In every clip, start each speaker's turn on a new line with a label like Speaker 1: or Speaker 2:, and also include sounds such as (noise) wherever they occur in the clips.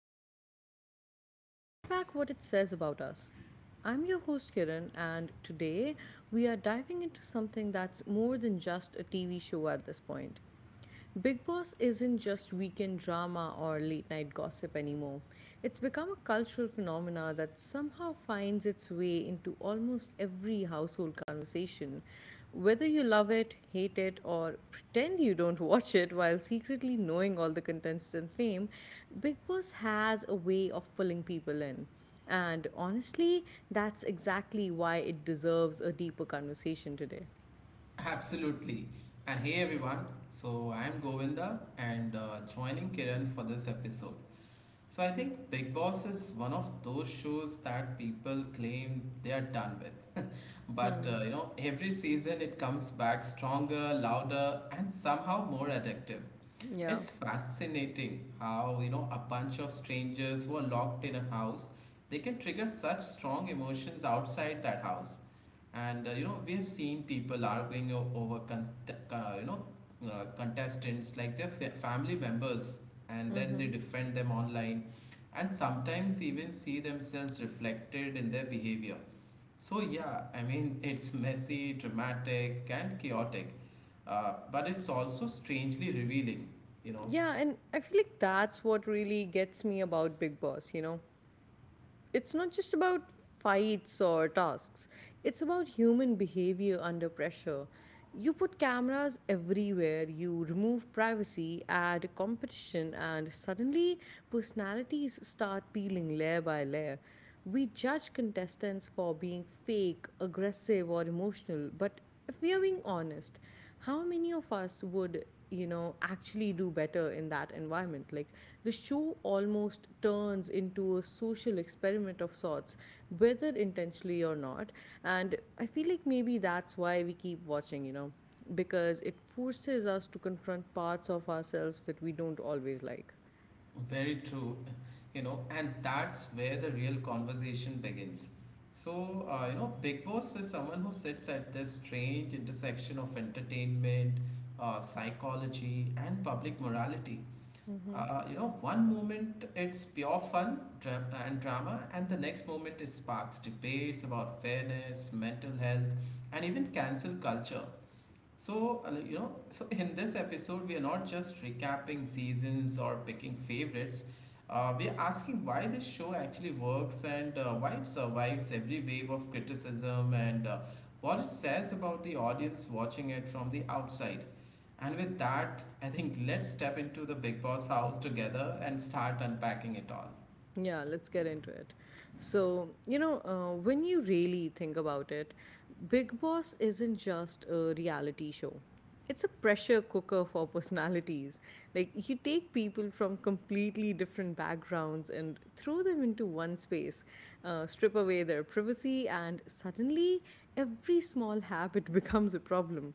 Speaker 1: entertainment, we unpack what it says about us. I'm your host, Kiran, and today we are diving into something that's more than just a TV show at this point. Big Boss isn't just weekend drama or late night gossip anymore. It's become a cultural phenomena that somehow finds its way into almost every household conversation. Whether you love it, hate it, or pretend you don't (laughs) watch it while secretly knowing all the contestants' name, Big Boss has a way of pulling people in. And honestly, that's exactly why it deserves a deeper conversation today.
Speaker 2: Absolutely. And hey everyone, I am Govinda and joining Kiran for this episode. So I think Big Boss is one of those shows that people claim they are done with. But every season it comes back stronger, louder, and somehow more addictive.
Speaker 1: Yeah.
Speaker 2: It's fascinating how a bunch of strangers who are locked in a house they can trigger such strong emotions outside that house. And we have seen people arguing o- over const- you know contestants like their family members, and then they defend them online, and sometimes even see themselves reflected in their behavior. So yeah, I mean, (laughs) it's messy, dramatic, and chaotic, but it's also strangely revealing. You know,
Speaker 1: Yeah, and I feel like that's what really gets me about Big Boss, you know. It's not just about fights or tasks, it's about human behavior under pressure. You put cameras everywhere, you remove privacy, add competition, and suddenly personalities start peeling layer by layer. We judge contestants for being fake, aggressive, or emotional, but if we are being honest, how many of us would actually do better in that environment, like the show almost turns into a social experiment of sorts, whether intentionally or not. And I feel like maybe that's why we keep watching. Because it forces us to confront parts of ourselves that we don't always like.
Speaker 2: Very true, and that's where the real conversation begins. Big Boss is someone who sits at this strange intersection of entertainment, psychology, and public morality. One moment it's pure fun and drama, and the next moment it sparks debates about fairness, mental health, and even cancel culture. So in this episode, we are not just recapping seasons or picking favorites. We are asking why this show actually works and why it survives every wave of criticism and what it says about the audience watching it from the outside. And with that, I think let's step into the Big Boss house together and start unpacking it all.
Speaker 1: Yeah, let's get into it. So, you know, when you really think about it, Big Boss isn't just a reality show. It's a pressure cooker (laughs) for personalities. Like, you take people from completely different backgrounds and throw them into one space, strip away their privacy, and suddenly every small habit (laughs) becomes a problem.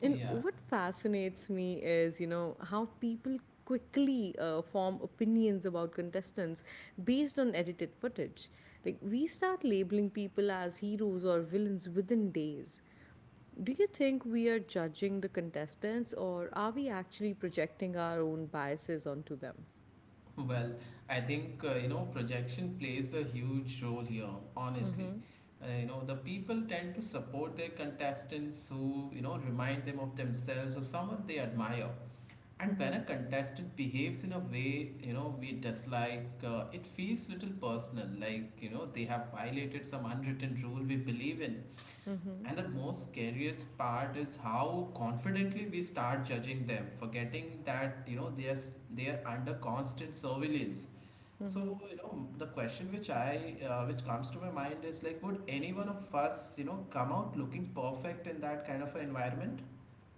Speaker 1: And
Speaker 2: Yeah.
Speaker 1: what fascinates me is, you know, how people quickly form opinions about contestants based on edited footage. Like, we start labeling people as heroes or villains within days. Do you think we are judging the contestants, or are we actually projecting our own biases onto them?
Speaker 2: Well, I think projection plays a huge role here, honestly. The people tend to support their contestants who remind them of themselves or someone they admire. And when a contestant behaves in a way we dislike, it feels little personal, like they have violated some unwritten rule we believe in.
Speaker 1: Mm-hmm,
Speaker 2: And the most scariest part is how confidently we start judging them, forgetting that they are under constant surveillance. So,
Speaker 1: mm-hmm.
Speaker 2: you know, the question which I which comes to my mind is like, would any one of us, you know, come out looking perfect in that kind of an environment?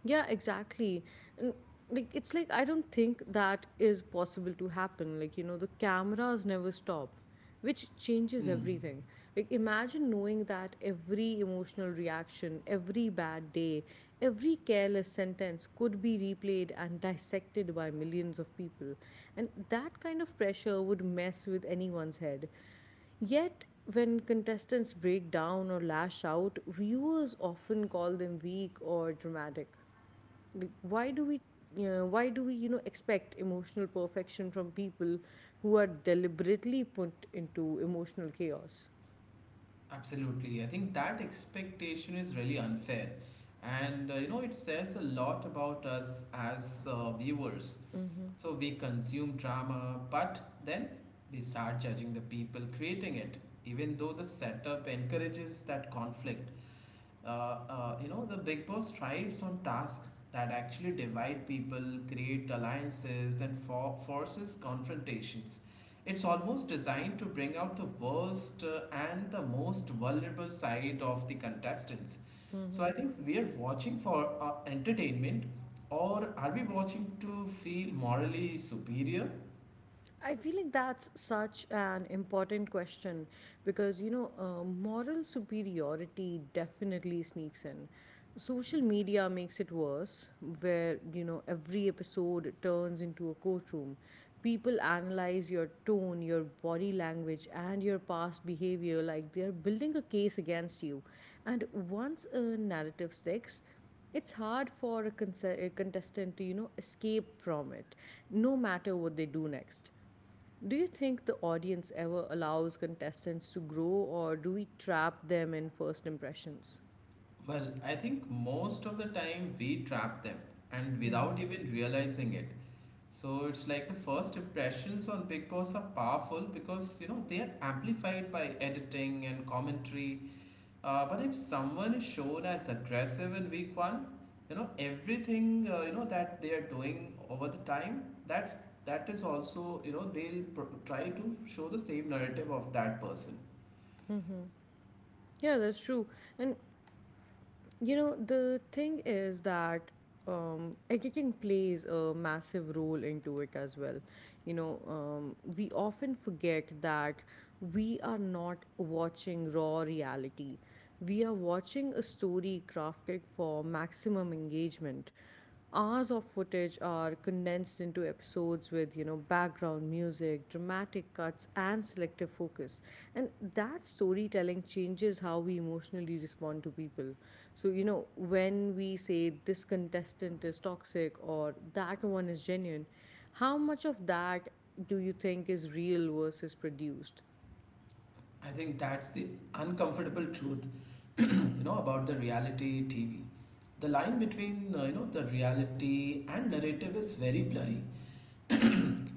Speaker 1: Yeah, exactly. And like it's like I don't think that is possible to happen. Like, you know, the cameras never stop, which changes
Speaker 2: Hmm,
Speaker 1: everything. Like imagine knowing that every emotional reaction, every bad day, every careless sentence could be replayed and dissected by millions of people. And that kind of pressure would mess with anyone's head. Yet, when contestants break down or lash out, viewers often call them weak or dramatic, like why do we expect emotional perfection from people who are deliberately put into emotional chaos?
Speaker 2: absolutely. I think that expectation is really unfair. And it says a lot about us as viewers. So we consume drama, but then we start judging the people creating it, even though the setup encourages that conflict. The Big Boss thrives on tasks that actually divide people, create alliances, and forces confrontations. It's almost designed to bring out the worst and the most vulnerable side of the contestants. So I think we are watching for entertainment, or are we watching to feel morally superior?
Speaker 1: I feel like that's such an important question because, you know, moral superiority definitely sneaks in. Social media makes it worse, where, you know, every episode turns into a courtroom. People analyze your tone, your body language, and your past behavior like they're building a case against you. And once a narrative sticks, it's hard for a, a contestant to, you know, escape from it, no matter what they do next. Do you think the audience ever allows contestants to grow, or do we trap them in first impressions?
Speaker 2: Well, I think most of the time we trap them and without even realizing it. So it's like the first impressions on Big Boss are powerful because they are amplified by editing and commentary. But if someone is shown as aggressive in week one, you know everything that they are doing over the time that is also they'll try to show the same narrative of that person.
Speaker 1: Yeah, that's true. And you know, the thing is that editing plays a massive role into it as well. You know, we often forget that we are not watching raw reality, we are watching a story crafted for maximum engagement. Hours of footage are condensed into episodes with, you know, background music, dramatic cuts, and selective focus. And that storytelling changes how we emotionally respond to people. So, you know, when we say this contestant is toxic or that one is genuine, how much of that do you think is real versus produced?
Speaker 2: I think that's the uncomfortable truth, (clears throat) you know, about the reality TV. The line between the reality and narrative is very blurry.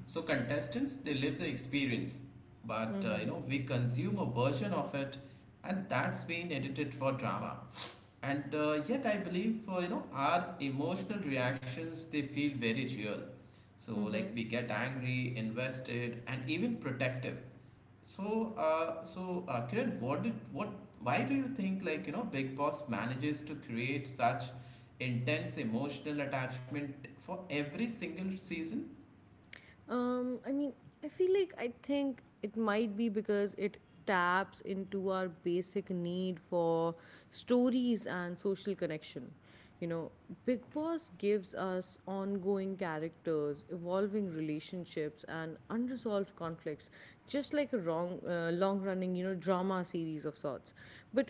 Speaker 2: So contestants, they live the experience, but
Speaker 1: Mm-hmm.
Speaker 2: we consume a version of it, and that's been edited for drama. And yet, I believe our emotional reactions they feel very real. So like we get angry, invested, and even protective. So Kiran, what did what? Why do you think like Big Boss manages to create such intense emotional attachment for every single season?
Speaker 1: Um, I mean, I feel like I think it might be because it taps into our basic need for stories and social connection. You know, Big Boss gives us ongoing characters, evolving relationships, and unresolved conflicts, just like a long-running, you know, drama series of sorts. But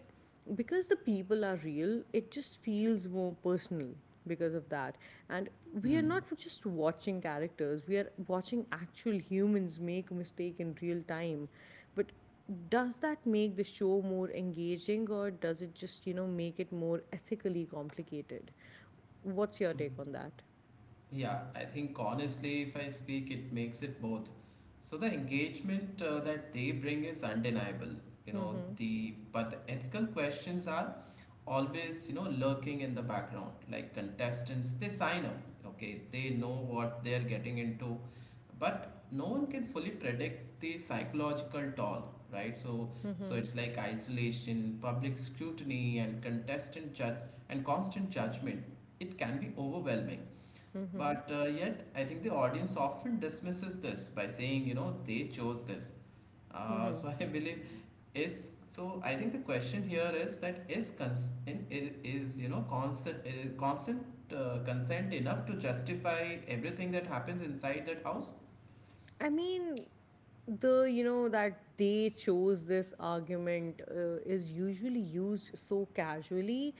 Speaker 1: because the people are real, it just feels more personal because of that. And we are
Speaker 2: Hmm.
Speaker 1: not just watching characters, we are watching actual humans make mistake in real time. But does that make the show more engaging, or does it just, you know, make it more ethically complicated? What's your take on that?
Speaker 2: Yeah, I think honestly, if I speak, it makes it both. So the engagement that they bring is undeniable, you know, the but the ethical questions are always, you know, lurking in the background. Like contestants, they sign up, okay, they know what they're getting into, but no one can fully predict the psychological toll, right? So it's like isolation, public scrutiny, and contestant judge and constant judgment. It can be overwhelming but yet, I think the audience often dismisses this by saying, you know, they chose this. (laughs) So I believe is so. I think the question here is that is cons in, is you know constant constant consent enough to justify everything that happens inside that house?
Speaker 1: I mean, the you know that they chose this argument is usually used so casually,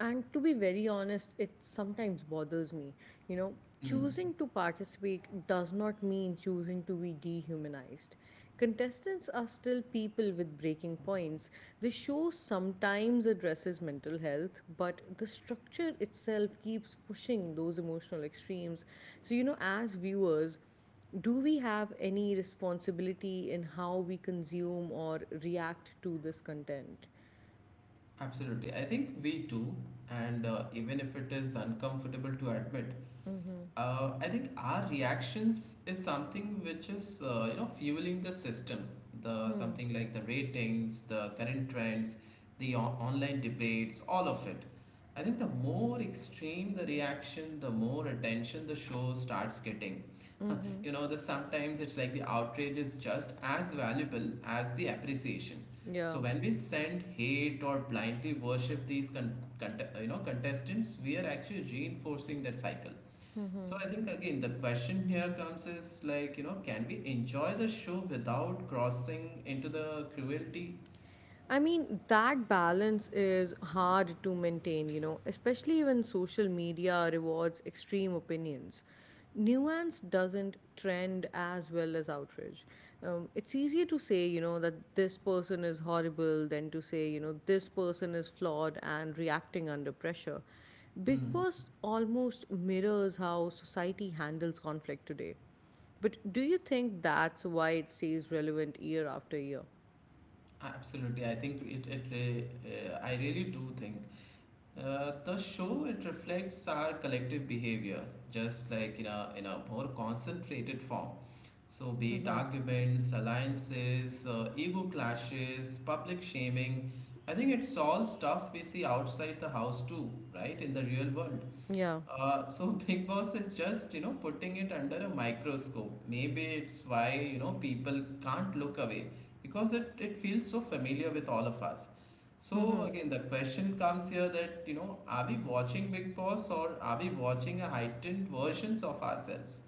Speaker 1: and to be very honest, it sometimes bothers me. You know,
Speaker 2: Mm,
Speaker 1: choosing to participate does not mean choosing to be dehumanized. Contestants are still people with breaking points. The show sometimes addresses mental health, but the structure itself keeps pushing those emotional extremes. So, you know, as viewers, do we have any responsibility in how we consume or react to this content?
Speaker 2: absolutely. I think we do, and even if it is uncomfortable to admit, I think our reactions is something which is fueling the system, the something like the ratings, the current trends, the online debates, all of it. I think the more extreme the reaction, the more attention the show starts getting. You know, the sometimes it's like the outrage is just as valuable as the appreciation. So
Speaker 1: Yeah.
Speaker 2: when we send hate or blindly worship these contestants, we are actually reinforcing that cycle. So I think again the question here comes is like can we enjoy the show without crossing into the cruelty?
Speaker 1: I mean, that balance is hard to maintain, you know, especially when social media rewards extreme opinions. Nuance doesn't trend as well as outrage. It's easier to say, you know, that this person is horrible than to say, you know, this person is flawed and reacting under pressure. Big
Speaker 2: Hmm.
Speaker 1: Boss almost mirrors how society handles conflict today. But do you think that's why it stays relevant year after year?
Speaker 2: Absolutely, I really do think the show it reflects our collective behavior, just like in a more concentrated form. So be it arguments, alliances, ego clashes, public shaming. I think it's all stuff we see outside the house too, right? In the real world.
Speaker 1: Yeah.
Speaker 2: (laughs) So Big Boss is just, you know, putting it under a microscope. Maybe it's why, you know, people can't look away because it feels so familiar with all of us. So again, the question comes here that, you know, are we watching Big Boss or are we watching a heightened versions of ourselves?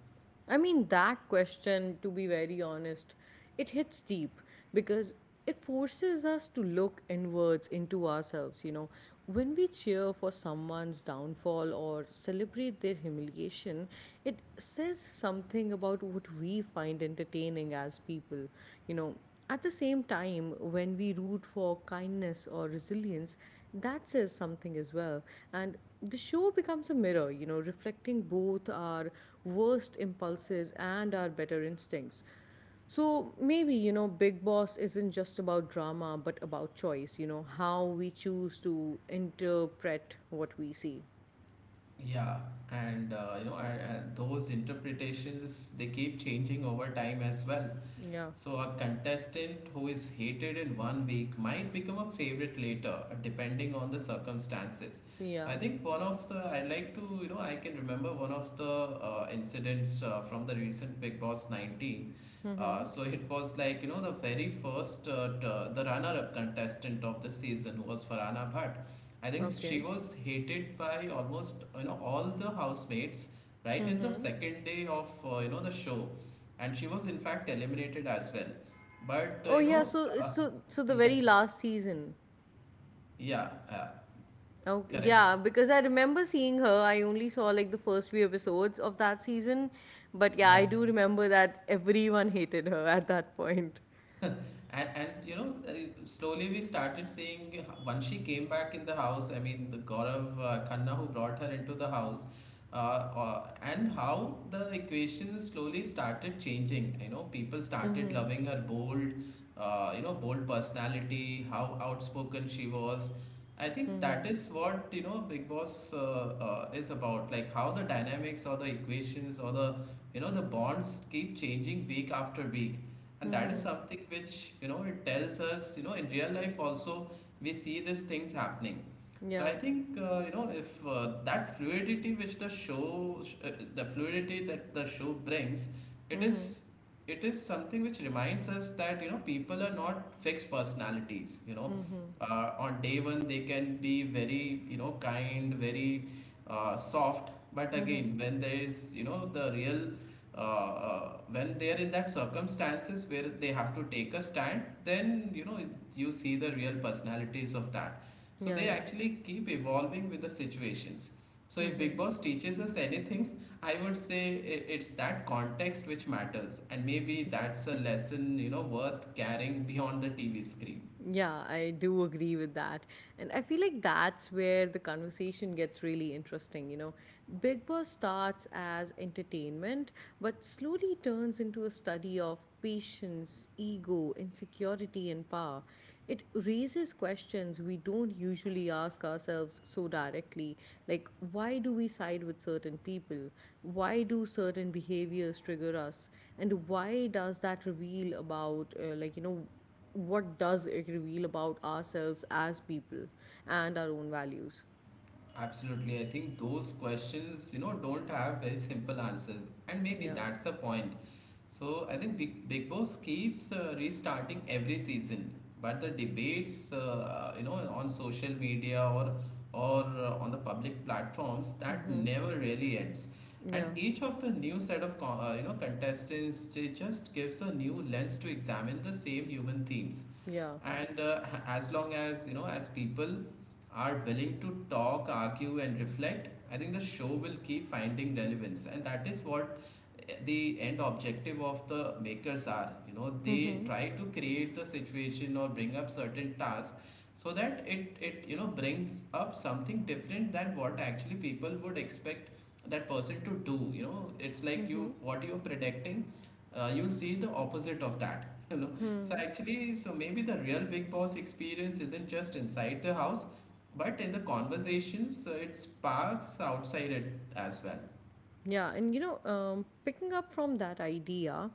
Speaker 1: I mean, that question, to be very honest, it hits deep because it forces us to look inwards into ourselves. You know, when we cheer for someone's downfall or celebrate their humiliation, it says something about what we find entertaining as people. You know, at the same time, when we root for kindness or resilience, that says something as well. And the show becomes a mirror, you know, reflecting both our worst impulses and our better instincts. So maybe, you know, Big Boss isn't just about drama, but about choice, you know, how we choose to interpret what we see.
Speaker 2: Yeah, and those interpretations they keep changing over time as well.
Speaker 1: Yeah.
Speaker 2: So, a contestant who is hated in one week might become a favorite later, depending on the circumstances. I
Speaker 1: Yeah.
Speaker 2: think one of the I like to you know I can remember one of the incidents from the recent Big Boss 19. So it was like the very first the runner-up contestant of the season who was Farana Bhatt. I think
Speaker 1: Okay.
Speaker 2: she was hated by almost all the housemates right in the second day of the show and she was in fact eliminated as well. But uh,
Speaker 1: Oh
Speaker 2: you
Speaker 1: yeah,
Speaker 2: know,
Speaker 1: so
Speaker 2: uh,
Speaker 1: so so
Speaker 2: (laughs)
Speaker 1: the
Speaker 2: yeah,
Speaker 1: very last season.
Speaker 2: yeah,
Speaker 1: Oh,
Speaker 2: correct,
Speaker 1: yeah, because I remember seeing her. I only saw like the first few episodes of that season. But yeah, I
Speaker 2: right.
Speaker 1: do remember that everyone hated her at that point.
Speaker 2: (laughs) And, slowly we started seeing once she came back in the house. I mean, the Gaurav Khanna who brought her into the house, and how the equations slowly started changing. You know, people started loving her bold personality, how outspoken she was. I think
Speaker 1: Mm-hmm.
Speaker 2: that is what Big Boss is about, like how the dynamics or the equations or the the bonds keep changing week after week, and that is something which it tells us in real life also we see these things happening. So I
Speaker 1: Yeah.
Speaker 2: think you know if that fluidity which the show the fluidity that the show brings, it
Speaker 1: Mm-hmm.
Speaker 2: is, it is something which reminds us that people are not fixed personalities,
Speaker 1: Mm-hmm.
Speaker 2: on day one they can be very kind, very soft, but
Speaker 1: Mm-hmm.
Speaker 2: again when there is you know the real when they are in that circumstances where they have to take a stand, then you see the real personalities of that. So
Speaker 1: Yeah,
Speaker 2: they
Speaker 1: yeah.
Speaker 2: actually keep evolving with the situations. So if Big Boss teaches us anything, (laughs) I would say it's that context which matters, and maybe that's a lesson worth carrying beyond the TV screen.
Speaker 1: Yeah, I do agree with that. And I feel like that's where the conversation gets really interesting. You know, Big Boss starts as entertainment, but slowly turns into a study of patience, ego, insecurity, and power. It raises questions we don't usually ask ourselves so directly, like why do we side with certain people? Why do certain behaviors trigger us? And why does that reveal about, what does it reveal about ourselves as people and our own values?
Speaker 2: Absolutely, I think those questions don't have very simple answers, and maybe
Speaker 1: Yeah.
Speaker 2: that's the point. So I think Big Boss keeps restarting every season, but the debates, on social media or on the public platforms, that
Speaker 1: Mm-hmm.
Speaker 2: never really ends. And
Speaker 1: Yeah.
Speaker 2: each of the new set of contestants, they just gives a new lens to examine the same human themes,
Speaker 1: Yeah.
Speaker 2: and as long as as people are willing to talk, argue and reflect, I think the show will keep finding relevance, and that is what the end objective of the makers are. They
Speaker 1: Mm-hmm.
Speaker 2: try to create the situation or bring up certain tasks so that it brings up something different than what actually people would expect that person to do. You know, it's like,
Speaker 1: Mm-hmm.
Speaker 2: you, what you're predicting, you'll see the opposite of that (laughs) you know. So actually, so maybe the real Big Boss experience isn't just inside the house, but in the conversations it sparks outside it as well.
Speaker 1: Yeah, and picking up from that idea,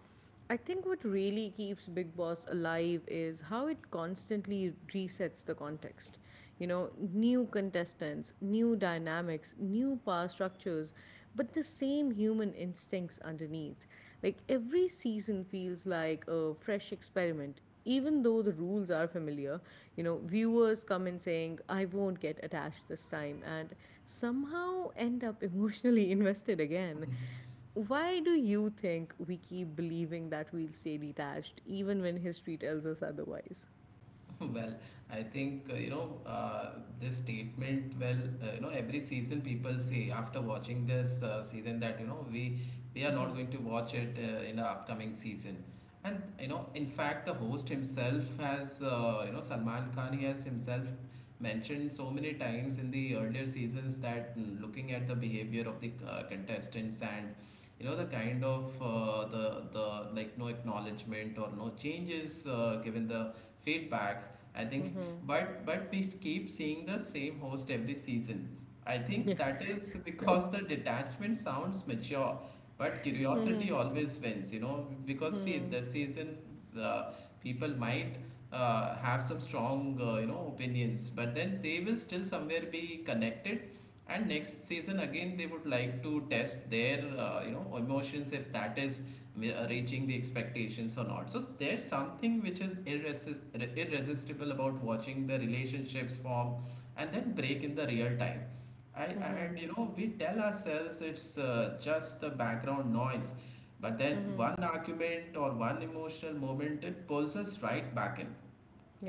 Speaker 1: I think what really keeps Big Boss alive is how it constantly resets the context. You know, new contestants, new dynamics, new power structures, but the same human instincts underneath. Like every season feels like a fresh experiment, even though the rules are familiar. You know, viewers come in saying, I won't get attached this time, and somehow end up (laughs) emotionally invested again.
Speaker 2: Mhm.
Speaker 1: Why do you think we keep believing that we'll stay detached even when history tells us otherwise? (laughs)
Speaker 2: (laughs) Well, I think this statement. Well, you know, every season people say after watching this season that, you know, we are not going to watch it in the upcoming season. And you know, in fact, the host himself has, Salman Khan, he has himself mentioned so many times in the earlier seasons that, looking at the behavior of the contestants and you know the kind of the like no acknowledgement or no changes given the feedbacks. I think, but we keep seeing the same host every season. I
Speaker 1: Yeah.
Speaker 2: think that is because the detachment sounds mature, but curiosity always wins. You know, because see, the season, uh, people might have some strong you know opinions, but then they will still somewhere be connected. And next season again, they would like to test their you know emotions, if that is reaching the expectations or not. So there's something which is irresistible about watching the relationships form and then break in the real time. And you know, we tell ourselves it's just the background noise, but then
Speaker 1: Mm-hmm.
Speaker 2: one argument or one emotional moment, it pulls us right back in,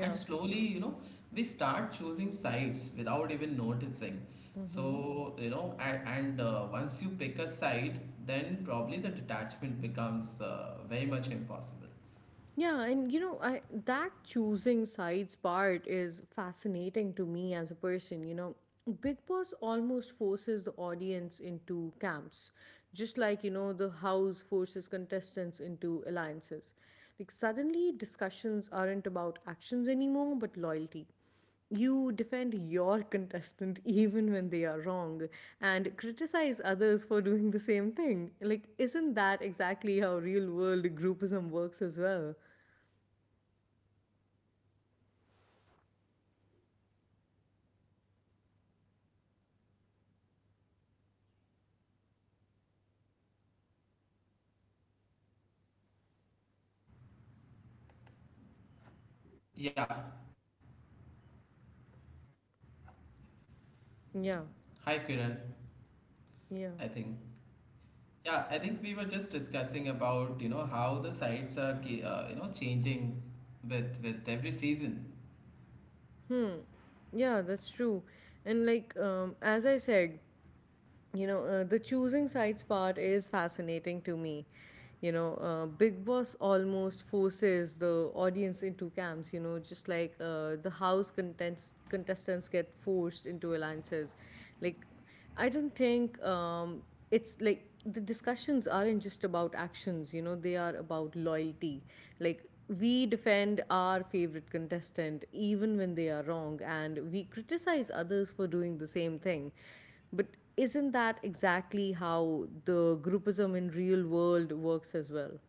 Speaker 2: and slowly, you know, we start choosing sides without even noticing. So you know, and once you pick a side, then probably the detachment becomes very much impossible.
Speaker 1: Yeah, and you know, I that choosing sides part is fascinating to me as a person, you know. Big Boss almost forces the audience into camps, just like, you know, the house forces contestants into alliances. Like suddenly discussions aren't about actions anymore, but loyalty. You defend your (laughs) contestant even when they are wrong and criticize others for doing the same thing. Like, isn't that exactly how real world groupism works as well?
Speaker 2: Yeah,
Speaker 1: Yeah,
Speaker 2: hi Kiran.
Speaker 1: yeah.
Speaker 2: I think, yeah, I think we were just discussing about, you know, how the sides are you know changing with every season.
Speaker 1: Hmm. Yeah, that's true. And like as I said, you know, the choosing sides part is fascinating to me. You know, Big Boss almost forces the audience into camps, you know, just like the house contestants get forced into alliances. Like, I don't think it's like the discussions aren't just about actions, you know, they are about loyalty. Like we defend our favorite contestant even when they are wrong and we criticize others for doing the same thing. But isn't that exactly how the groupism in real world works as well?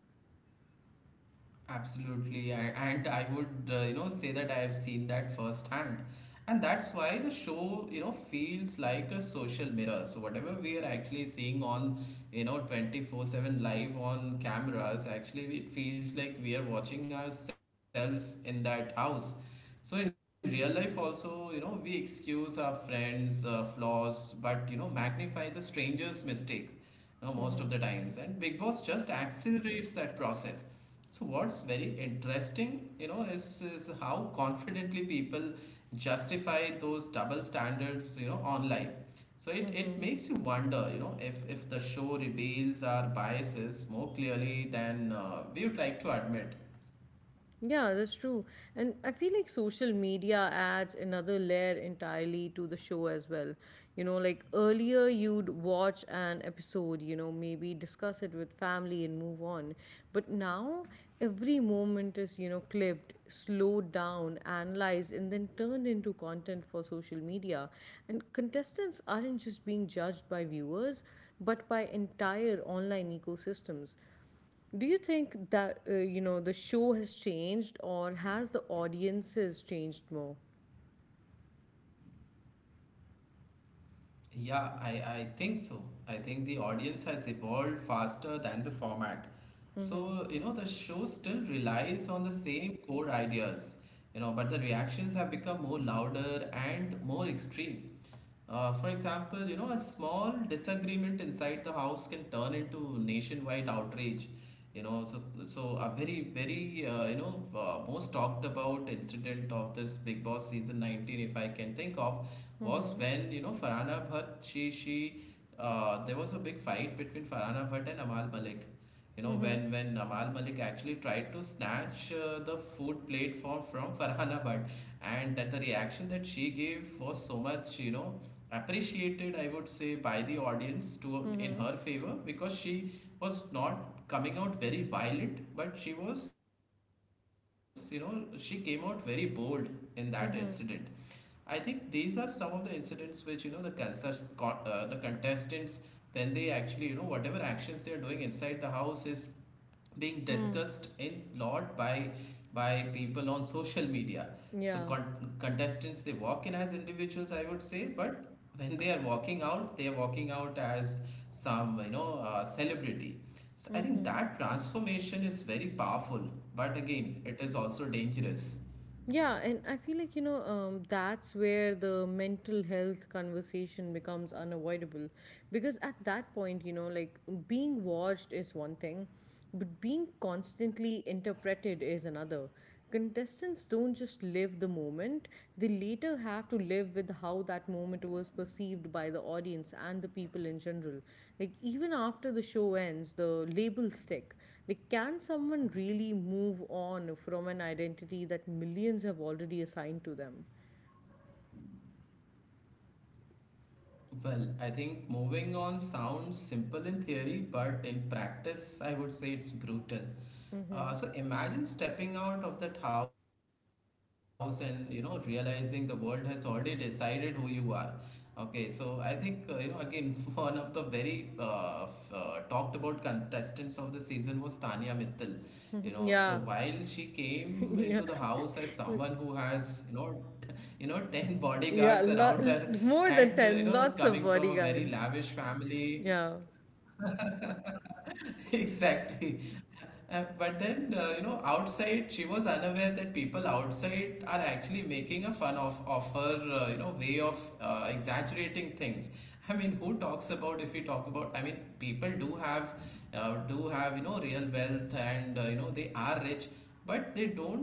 Speaker 2: Absolutely, and I would you know say that I have seen that firsthand, and that's why the show, you know, feels like a social mirror. So whatever we are actually seeing on, you know, 24/7 live on cameras, actually it feels like we are watching ourselves in that house. So in real life also, you know, we excuse our friends' flaws, but you know magnify the stranger's mistake, you know, most of the times, and Big Boss just accelerates that process. So what's very interesting, you know, is how confidently people justify those double standards, you know, online. So it makes you wonder, you know, if the show reveals our biases more clearly than we would like to admit.
Speaker 1: Yeah, that's true. And I feel like social media adds another layer entirely to the show as well. You know, like earlier you'd watch an episode, you know, maybe discuss it with family and move on. But now every moment is, you know, clipped, slowed down, analyzed, and then turned into content for social media. And contestants aren't just being judged by viewers, but by entire online ecosystems. Do you think that, you know, the show has changed or has the audiences changed more?
Speaker 2: Yeah, I think so. I think the audience has evolved faster than the format. So, you know, the show still relies on the same core ideas, you know, but the reactions have become more louder and more extreme. For example, you know, a small disagreement inside the house can turn into nationwide outrage. You know, so a very most talked about incident of this Big Boss season 19, if I can think of, was when, you know, Farhana Bhatt she there was a big fight between Farhana Bhatt and Amal Malik. You know, when Amal Malik actually tried to snatch the food plate from Farhana Bhatt, and that the reaction that she gave was so much, you know, appreciated, I would say, by the audience to in her favor, because she was not coming out very violent, but she was, you know, she came out very bold in that incident. I think these are some of the incidents which, you know, the the contestants, when they actually, you know, whatever actions they are doing inside the house, is being discussed in lot by people on social media. So
Speaker 1: Yeah.
Speaker 2: contestants, they walk in as individuals, I would say, but when they are walking out, they are walking out as some, you know, celebrity. So I think that transformation is very powerful, but again, it is also dangerous.
Speaker 1: Yeah, and I feel like, that's where the mental health conversation becomes unavoidable. Because at that point, you know, like being watched is one thing, but being constantly interpreted is another. Contestants don't just live the moment, they later have to live with how that moment was perceived by the audience and the people in general. Like, even after the show ends, the labels stick. Like, can someone really move on from an identity that millions have already assigned to them?
Speaker 2: Well, I think moving on sounds simple in theory, but in practice, I would say it's brutal. So imagine stepping out of that house and you know realizing the world has already decided who you are. Okay, so I think you know, again, (laughs) one of the very talked about contestants of the season was Tanya Mittal. You know, so while she
Speaker 1: (laughs) Yeah.
Speaker 2: came into the house as
Speaker 1: (laughs) Yeah.
Speaker 2: someone who has, you know, t- (laughs) 10 bodyguards around her
Speaker 1: Yeah.
Speaker 2: and you
Speaker 1: More
Speaker 2: know
Speaker 1: than
Speaker 2: coming
Speaker 1: 10,
Speaker 2: from a
Speaker 1: lots
Speaker 2: very
Speaker 1: of
Speaker 2: lavish
Speaker 1: bodyguards.
Speaker 2: family.
Speaker 1: Yeah.
Speaker 2: (laughs) Exactly. But then, you know, outside, she was unaware that people outside are actually making a fun of her, you know, way of exaggerating things. I mean, who talks about if we talk about? I mean, people do have, you know, real wealth and, you know, they are rich, but they don't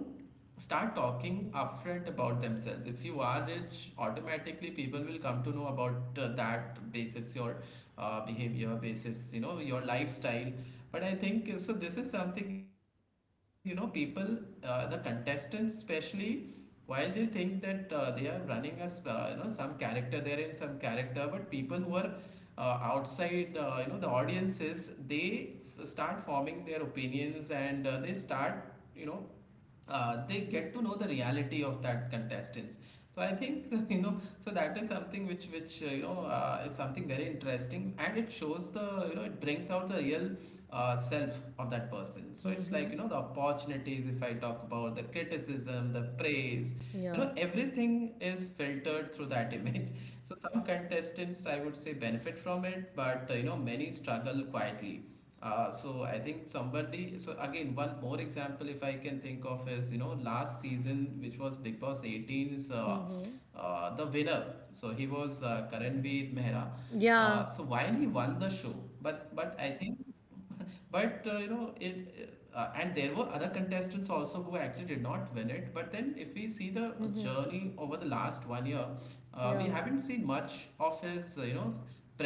Speaker 2: start talking upfront about themselves. If you are rich, automatically people will come to know about that basis. Your behavior basis, you know, your lifestyle. But I think so this is something, you know, people, the contestants especially, while they think that they are running as, you know, some character, they're in some character, but people who are outside, you know, the audiences, they start forming their opinions, and they start, you know, they get to know the reality of that contestants. So I think (laughs) you know, so that is something which you know, is something very interesting, and it shows the, you know, it brings out the real self of that person. So it's like, you know, the
Speaker 1: Mm-hmm.
Speaker 2: opportunities, if I talk about, the criticism, the praise, you know,
Speaker 1: Yeah.
Speaker 2: everything is filtered through that (laughs) image. So some contestants, I would say, benefit from it, but you know, many struggle quietly. So I think somebody, so again, one more example, if I can think of, is, you know, last season, which was Big Boss 18's the winner. So he was, Karanveer Mehra.
Speaker 1: Yeah.
Speaker 2: So while he won the show, but I think, (laughs) but you know it, and there were other contestants also who actually did not win it. But then if we see the journey over the last one year,
Speaker 1: Yeah.
Speaker 2: we haven't seen much of his, you know,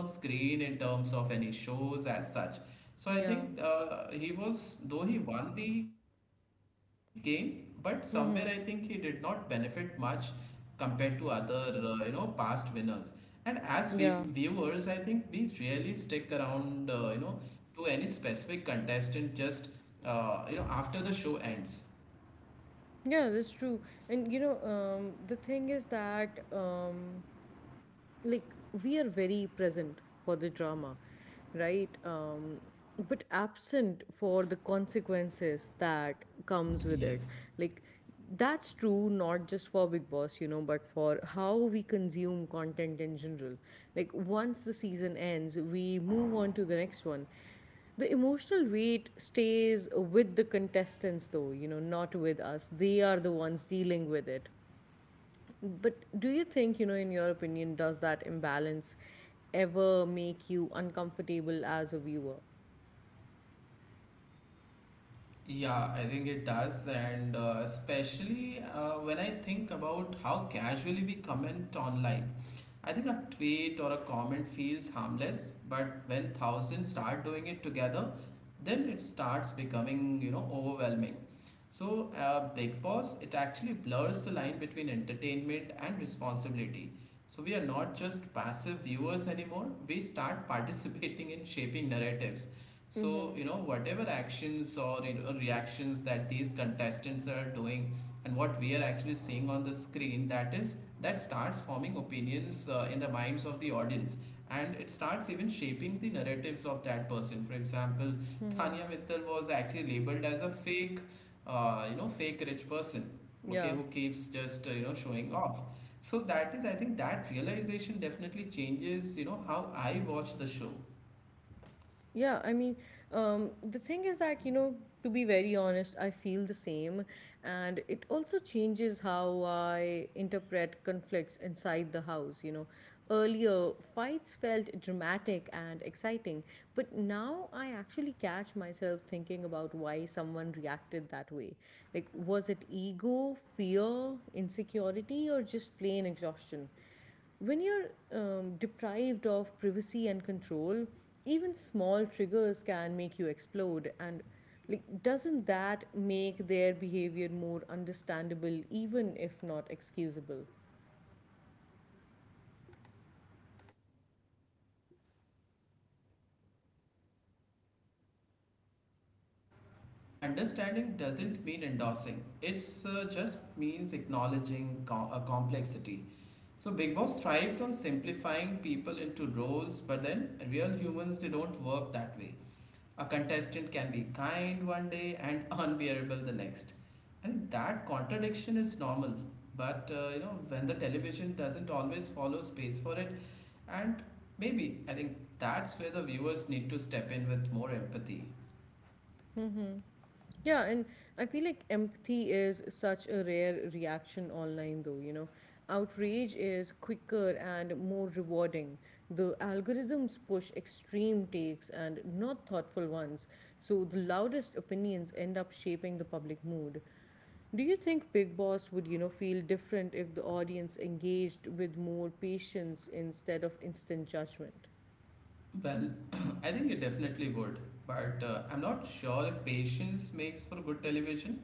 Speaker 2: presence on screen in terms of any shows as
Speaker 1: Yeah.
Speaker 2: such. So I think he was, though he won the game, but somewhere
Speaker 1: Mm-hmm.
Speaker 2: I think he did not benefit much compared to other, you know, past winners. And as vi
Speaker 1: Yeah.
Speaker 2: viewers, I think we really stick around, you know, to any specific contestant just, you know, after the show ends.
Speaker 1: Yeah, that's true. And the thing is that like we are very present for the drama, right, but absent for the consequences that
Speaker 2: Yes.
Speaker 1: comes with it. Like, that's true not just for Big Boss, you know, but for how we consume content in general. Like, once the season ends we move on to the next one. The emotional weight stays with the contestants though, you know, not with us. They are the ones dealing with it. But do you think, you know, in your opinion, does that imbalance ever make you uncomfortable as a viewer?
Speaker 2: Yeah, I think it does, and especially when I think about how casually we comment online. I think a tweet or a comment feels harmless, but when thousands start doing it together, then it starts becoming, you know, overwhelming. So, Big Boss, it actually blurs the line between entertainment and responsibility. So, we are not just passive viewers anymore, we start participating in shaping narratives.
Speaker 1: Mm-hmm.
Speaker 2: So, you know, whatever actions or, you know, reactions that these contestants are doing, and what we are actually seeing on the screen, that is, that starts forming opinions in the minds of the audience, and it starts even shaping the narratives of that person. For example,
Speaker 1: Mm-hmm.
Speaker 2: Thania Mittal was actually labeled as a fake, you know, fake rich person, okay,
Speaker 1: Yeah.
Speaker 2: who keeps just, you know, showing off. So that is, I think that realization definitely changes, you know, how I watch the show.
Speaker 1: Yeah, I mean, the thing is that, you know, to be very honest, I feel the same. And it also changes how I interpret conflicts inside the house. You know, earlier fights felt dramatic and exciting, but now I actually catch myself thinking about why someone reacted that way. Like, was it ego, fear, insecurity, or just plain exhaustion? When you're deprived of privacy and control, even small triggers can make you explode. And like, doesn't that make their behavior more understandable, even if not excusable?
Speaker 2: Absolutely. I think empathy is, you know, exactly. I think understanding doesn't mean endorsing. It's just means acknowledging a complexity. So Big Boss thrives on simplifying people into roles, but then real humans, they don't work that way. A contestant can be kind one day and (laughs) unbearable the next. I think that contradiction is normal, but you know, when the television doesn't always follow space for it, and maybe I think that's where the viewers need to step in with more empathy.
Speaker 1: Yeah, and I feel like empathy is such a rare reaction online, though, you know. Outrage is quicker and more rewarding. The algorithms push extreme takes and not thoughtful ones, so the loudest opinions end up shaping the public mood. Do you think Big Boss would, you know, feel different if the audience engaged with more patience instead of instant judgment?
Speaker 2: Well, (clears throat) I think it definitely would, but I'm not sure if patience makes for good television.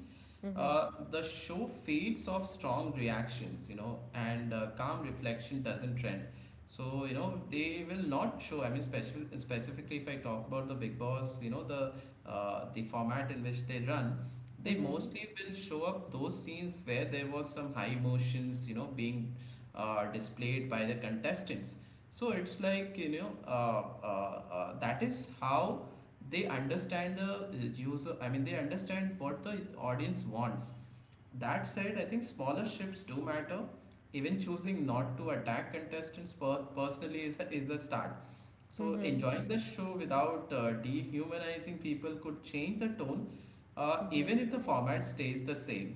Speaker 2: The show feeds off strong reactions, you know, and calm reflection doesn't trend. So, you know, they will not show. I mean, specifically, if I talk about the Big Boss, you know, the format in which they run, they mostly will show up those scenes where there was some high emotions, you know, being displayed by the contestants. So it's like, you know, that is how they understand the user. I mean, they understand what the audience wants. That said, I think smaller shifts do matter. Even choosing not to attack contestants personally is is a start. So enjoying the show without dehumanizing people could change the tone, even if the format stays the same.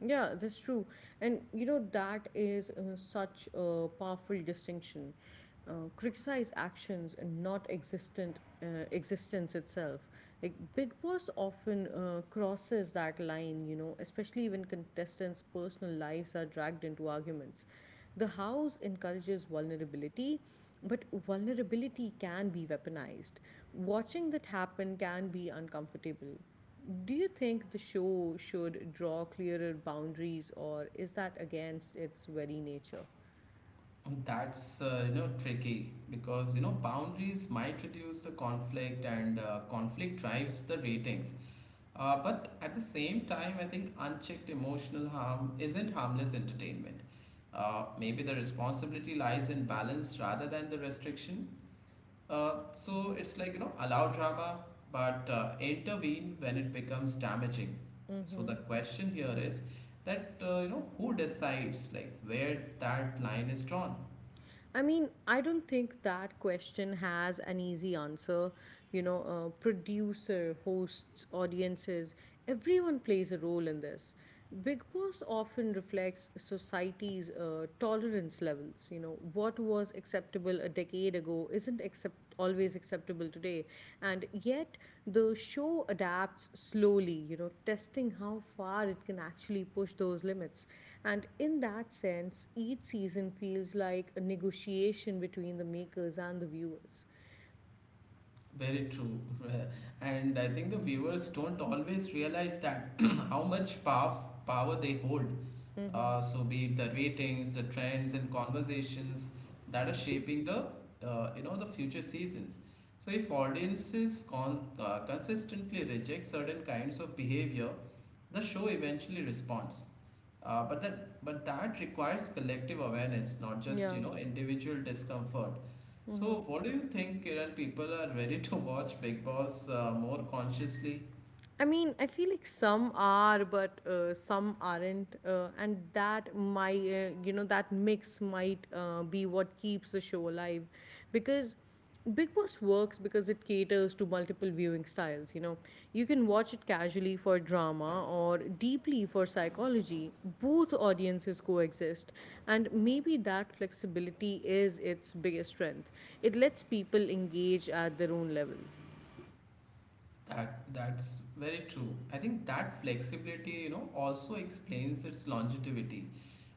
Speaker 1: Yeah, that's true. And you know, that is such a powerful distinction. Criticize actions and not existent existence itself. Like Big Boss often crosses that line, you know, especially when contestants' personal lives are dragged into arguments. The house encourages vulnerability, but vulnerability can be weaponized. Watching that happen can be uncomfortable. Do you think the show should draw clearer boundaries, or is that against its very nature?
Speaker 2: And that's you know, tricky, because you know, boundaries might reduce the conflict, and conflict drives the ratings. But at the same time, I think unchecked emotional harm isn't harmless entertainment. Maybe the responsibility lies in balance rather than the restriction. So it's like, you know, allow drama, but intervene when it becomes damaging. So the question here is that, you know, who decides, like, where that line is drawn?
Speaker 1: I mean, I don't think that question has an easy answer. You know, producer, hosts, audiences, everyone plays a role in this. Big Boss often reflects society's tolerance levels. You know, what was acceptable a decade ago isn't accept. Always acceptable today, and yet the show adapts slowly, you know, testing how far it can actually push those limits. And in that sense, each season feels like a negotiation between the makers and the viewers.
Speaker 2: Very true. And I think the viewers don't always realize that (clears throat) how much power they hold. So be it the ratings, the trends, and conversations that are shaping the you know, the future seasons. So if audiences consistently reject certain kinds of behavior, the show eventually responds. But that requires collective awareness, not just you
Speaker 1: Yeah.
Speaker 2: know, individual discomfort.
Speaker 1: Mm-hmm.
Speaker 2: So, what do you think, Kiran? People are ready to watch Big Boss more consciously.
Speaker 1: I mean, I feel like some are, but some aren't, and that my you know, that mix might be what keeps the show alive, because Big Boss works because it caters to multiple viewing styles. You know, you can watch it casually for drama, or deeply for psychology. Both audiences coexist, and maybe that flexibility is its biggest strength. It lets people engage at their own level.
Speaker 2: That's very true. I think that flexibility, you know, also explains its longevity.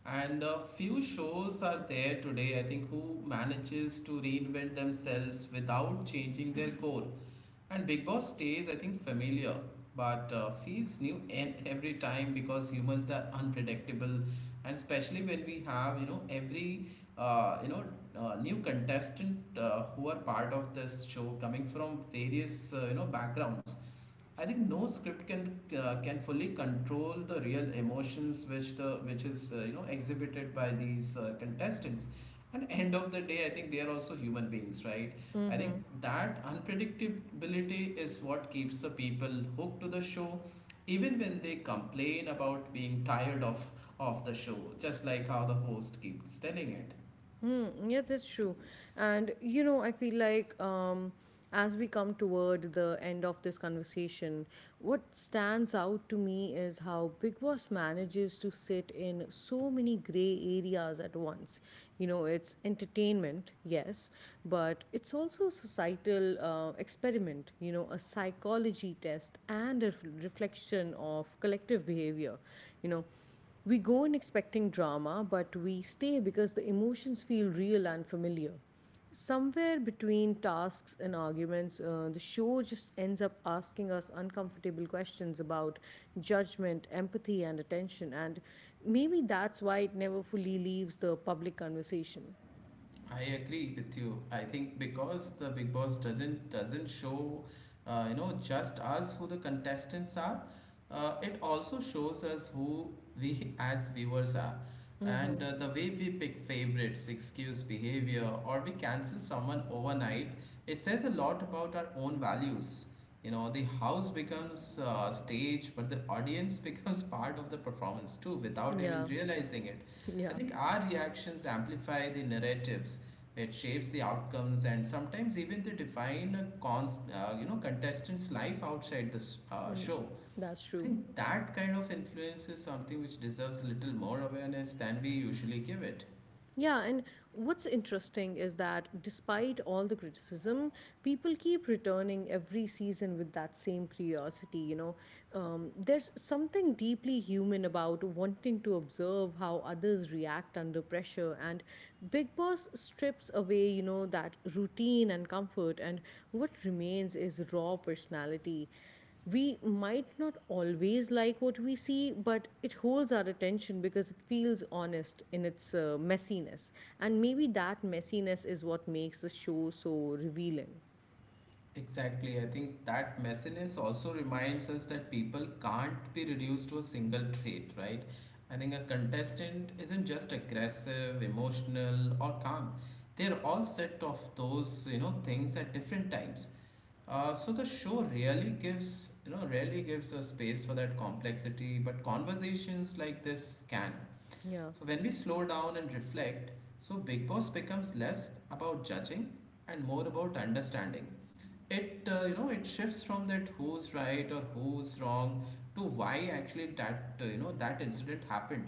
Speaker 2: And few shows are there today, I think, who manages to reinvent themselves without changing their core. And Big Boss stays, I think, familiar, but feels new and every time, because humans are unpredictable, and especially when we have you know, every uh, you know new contestant who are part of this show coming from various you know, backgrounds. I think no script can fully control the real emotions which the which is you know, exhibited by these contestants. And end of the day, I think they are also human beings, right? I think that unpredictability is what keeps the people hooked to the show, even when they complain about being tired of the show, just like how the host keeps telling it.
Speaker 1: Mm, yeah, that's true. And you know, I feel like as we come toward the end of this conversation, what stands out to me is how Big Boss manages to sit in so many gray areas at once. You know, it's entertainment, yes, but it's also a societal experiment, you know, a psychology test and a reflection of collective behavior. You know, we go in expecting drama, but we stay because the emotions feel real and familiar. Somewhere between tasks and arguments, the show just ends up asking us uncomfortable questions about judgment, empathy, and attention. And maybe that's why it never fully leaves the public conversation.
Speaker 2: I agree with you. I think because the Big Boss doesn't show, you know, just us who the contestants are. It also shows us who we (laughs) as viewers are, and the way we pick favorites, excuse behavior, or we cancel someone overnight. It says a lot about our own values. You know, the house becomes stage, but the audience (laughs) becomes part of the performance too, without even
Speaker 1: Yeah,
Speaker 2: realizing it.
Speaker 1: (laughs)
Speaker 2: I
Speaker 1: yeah,
Speaker 2: think our reactions amplify the narratives. It shapes the outcomes, and sometimes even they define a you know, contestant's life outside the show.
Speaker 1: that's
Speaker 2: I
Speaker 1: true.
Speaker 2: think that kind of influence is something which deserves a little more awareness than we usually give it.
Speaker 1: Yeah, and what's interesting is that despite all the criticism, people keep returning every season with that same curiosity. You know, there's something deeply human about wanting to observe how others react under pressure, and Big Boss strips away, you know, that routine and comfort, and what remains is raw personality. We might not always like what we see, but it holds our attention because it feels honest in its messiness. And maybe that messiness is what makes the show so revealing.
Speaker 2: Exactly. I think that messiness also reminds us that people can't be reduced to a single trait, right? I think a contestant isn't just aggressive, emotional, or calm. They're all set of those, you know, things at different times. So the show really gives, you know, really gives a space for that complexity, but conversations like this can.
Speaker 1: Yeah.
Speaker 2: So when we slow down and reflect, so Big Boss becomes less about judging and more about understanding. It you know, it shifts from that who's right or who's wrong to why actually that you know, that incident happened.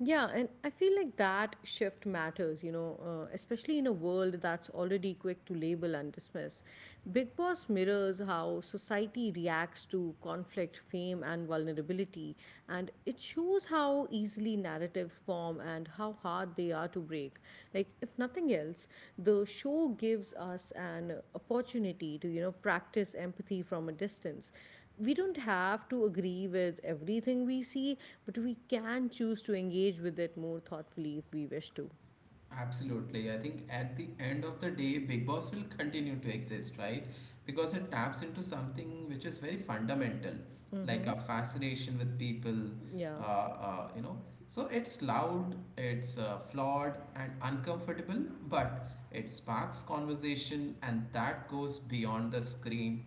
Speaker 1: Yeah, and I feel like that shift matters, you know, especially in a world that's already quick to label and dismiss. Big Boss mirrors how society reacts to conflict, fame, and vulnerability, and it shows how easily narratives form and how hard they are to break. Like, if nothing else, the show gives us an opportunity to, you know, practice empathy from a distance. We don't have to agree with everything we see, but we can choose to engage with it more thoughtfully if we wish to.
Speaker 2: Absolutely. I think at the end of the day, Big Boss will (laughs) continue to exist, right? Because it taps into something which is very fundamental, like a fascination with people.
Speaker 1: Yeah.
Speaker 2: You know, so it's loud, it's flawed and uncomfortable, but it sparks conversation, and that goes beyond the screen,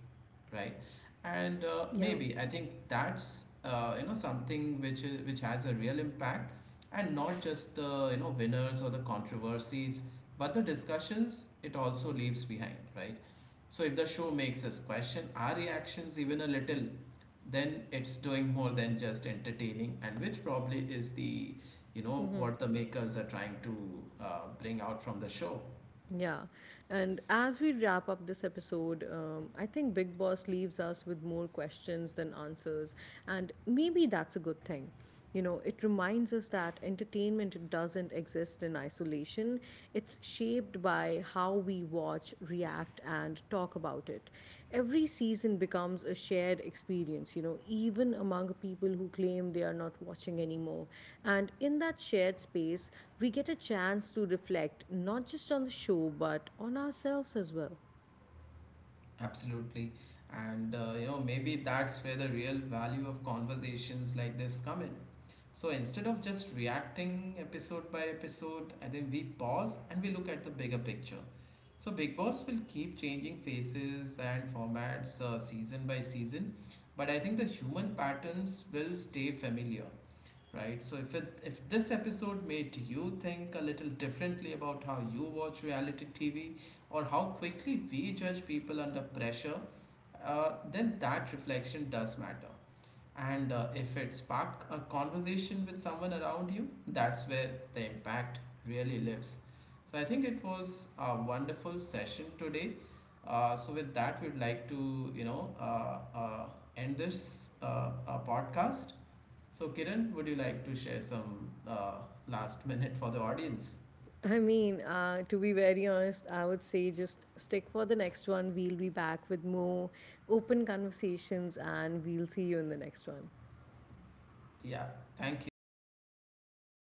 Speaker 2: right? And
Speaker 1: Yeah.
Speaker 2: maybe I think that's you know, something which has a real impact, and not just the you know, winners or the controversies, but the discussions it also leaves behind, right? So if the show makes us question our reactions even a little, then it's doing more than just entertaining, and which probably is the you know, what the makers are trying to bring out from the show.
Speaker 1: Yeah. And as we wrap up this episode, I think Big Boss leaves us with more questions than answers. And maybe that's a good thing. You know, it reminds us that entertainment doesn't exist in isolation. It's shaped by how we watch, react and talk about it. Every season becomes a shared experience, you know, even among people who claim they are not watching anymore. And in that shared space, we get a chance to reflect not just on the show, but on ourselves as well.
Speaker 2: Absolutely. And you know, maybe that's where the real value of conversations like this come in. So instead of just reacting episode by episode, I think we pause and we look at the bigger picture. So Big Boss will keep changing faces and formats season by season, but I think the human patterns will stay familiar, right? So if this episode made you think a little differently about how you watch reality TV, or how quickly we judge people under pressure, then that reflection does matter. And if it sparked a conversation with someone around you, that's where the impact really lives. So I think it was a wonderful session today. So with that, we'd like to you know end this podcast. So, Kiran, would you like to share some last minute for the audience?
Speaker 1: (laughs) I mean, to be very honest, I would say just stick for the next one. We'll be back with more open conversations, and we'll see you in the next one.
Speaker 2: Yeah, thank you. Bye.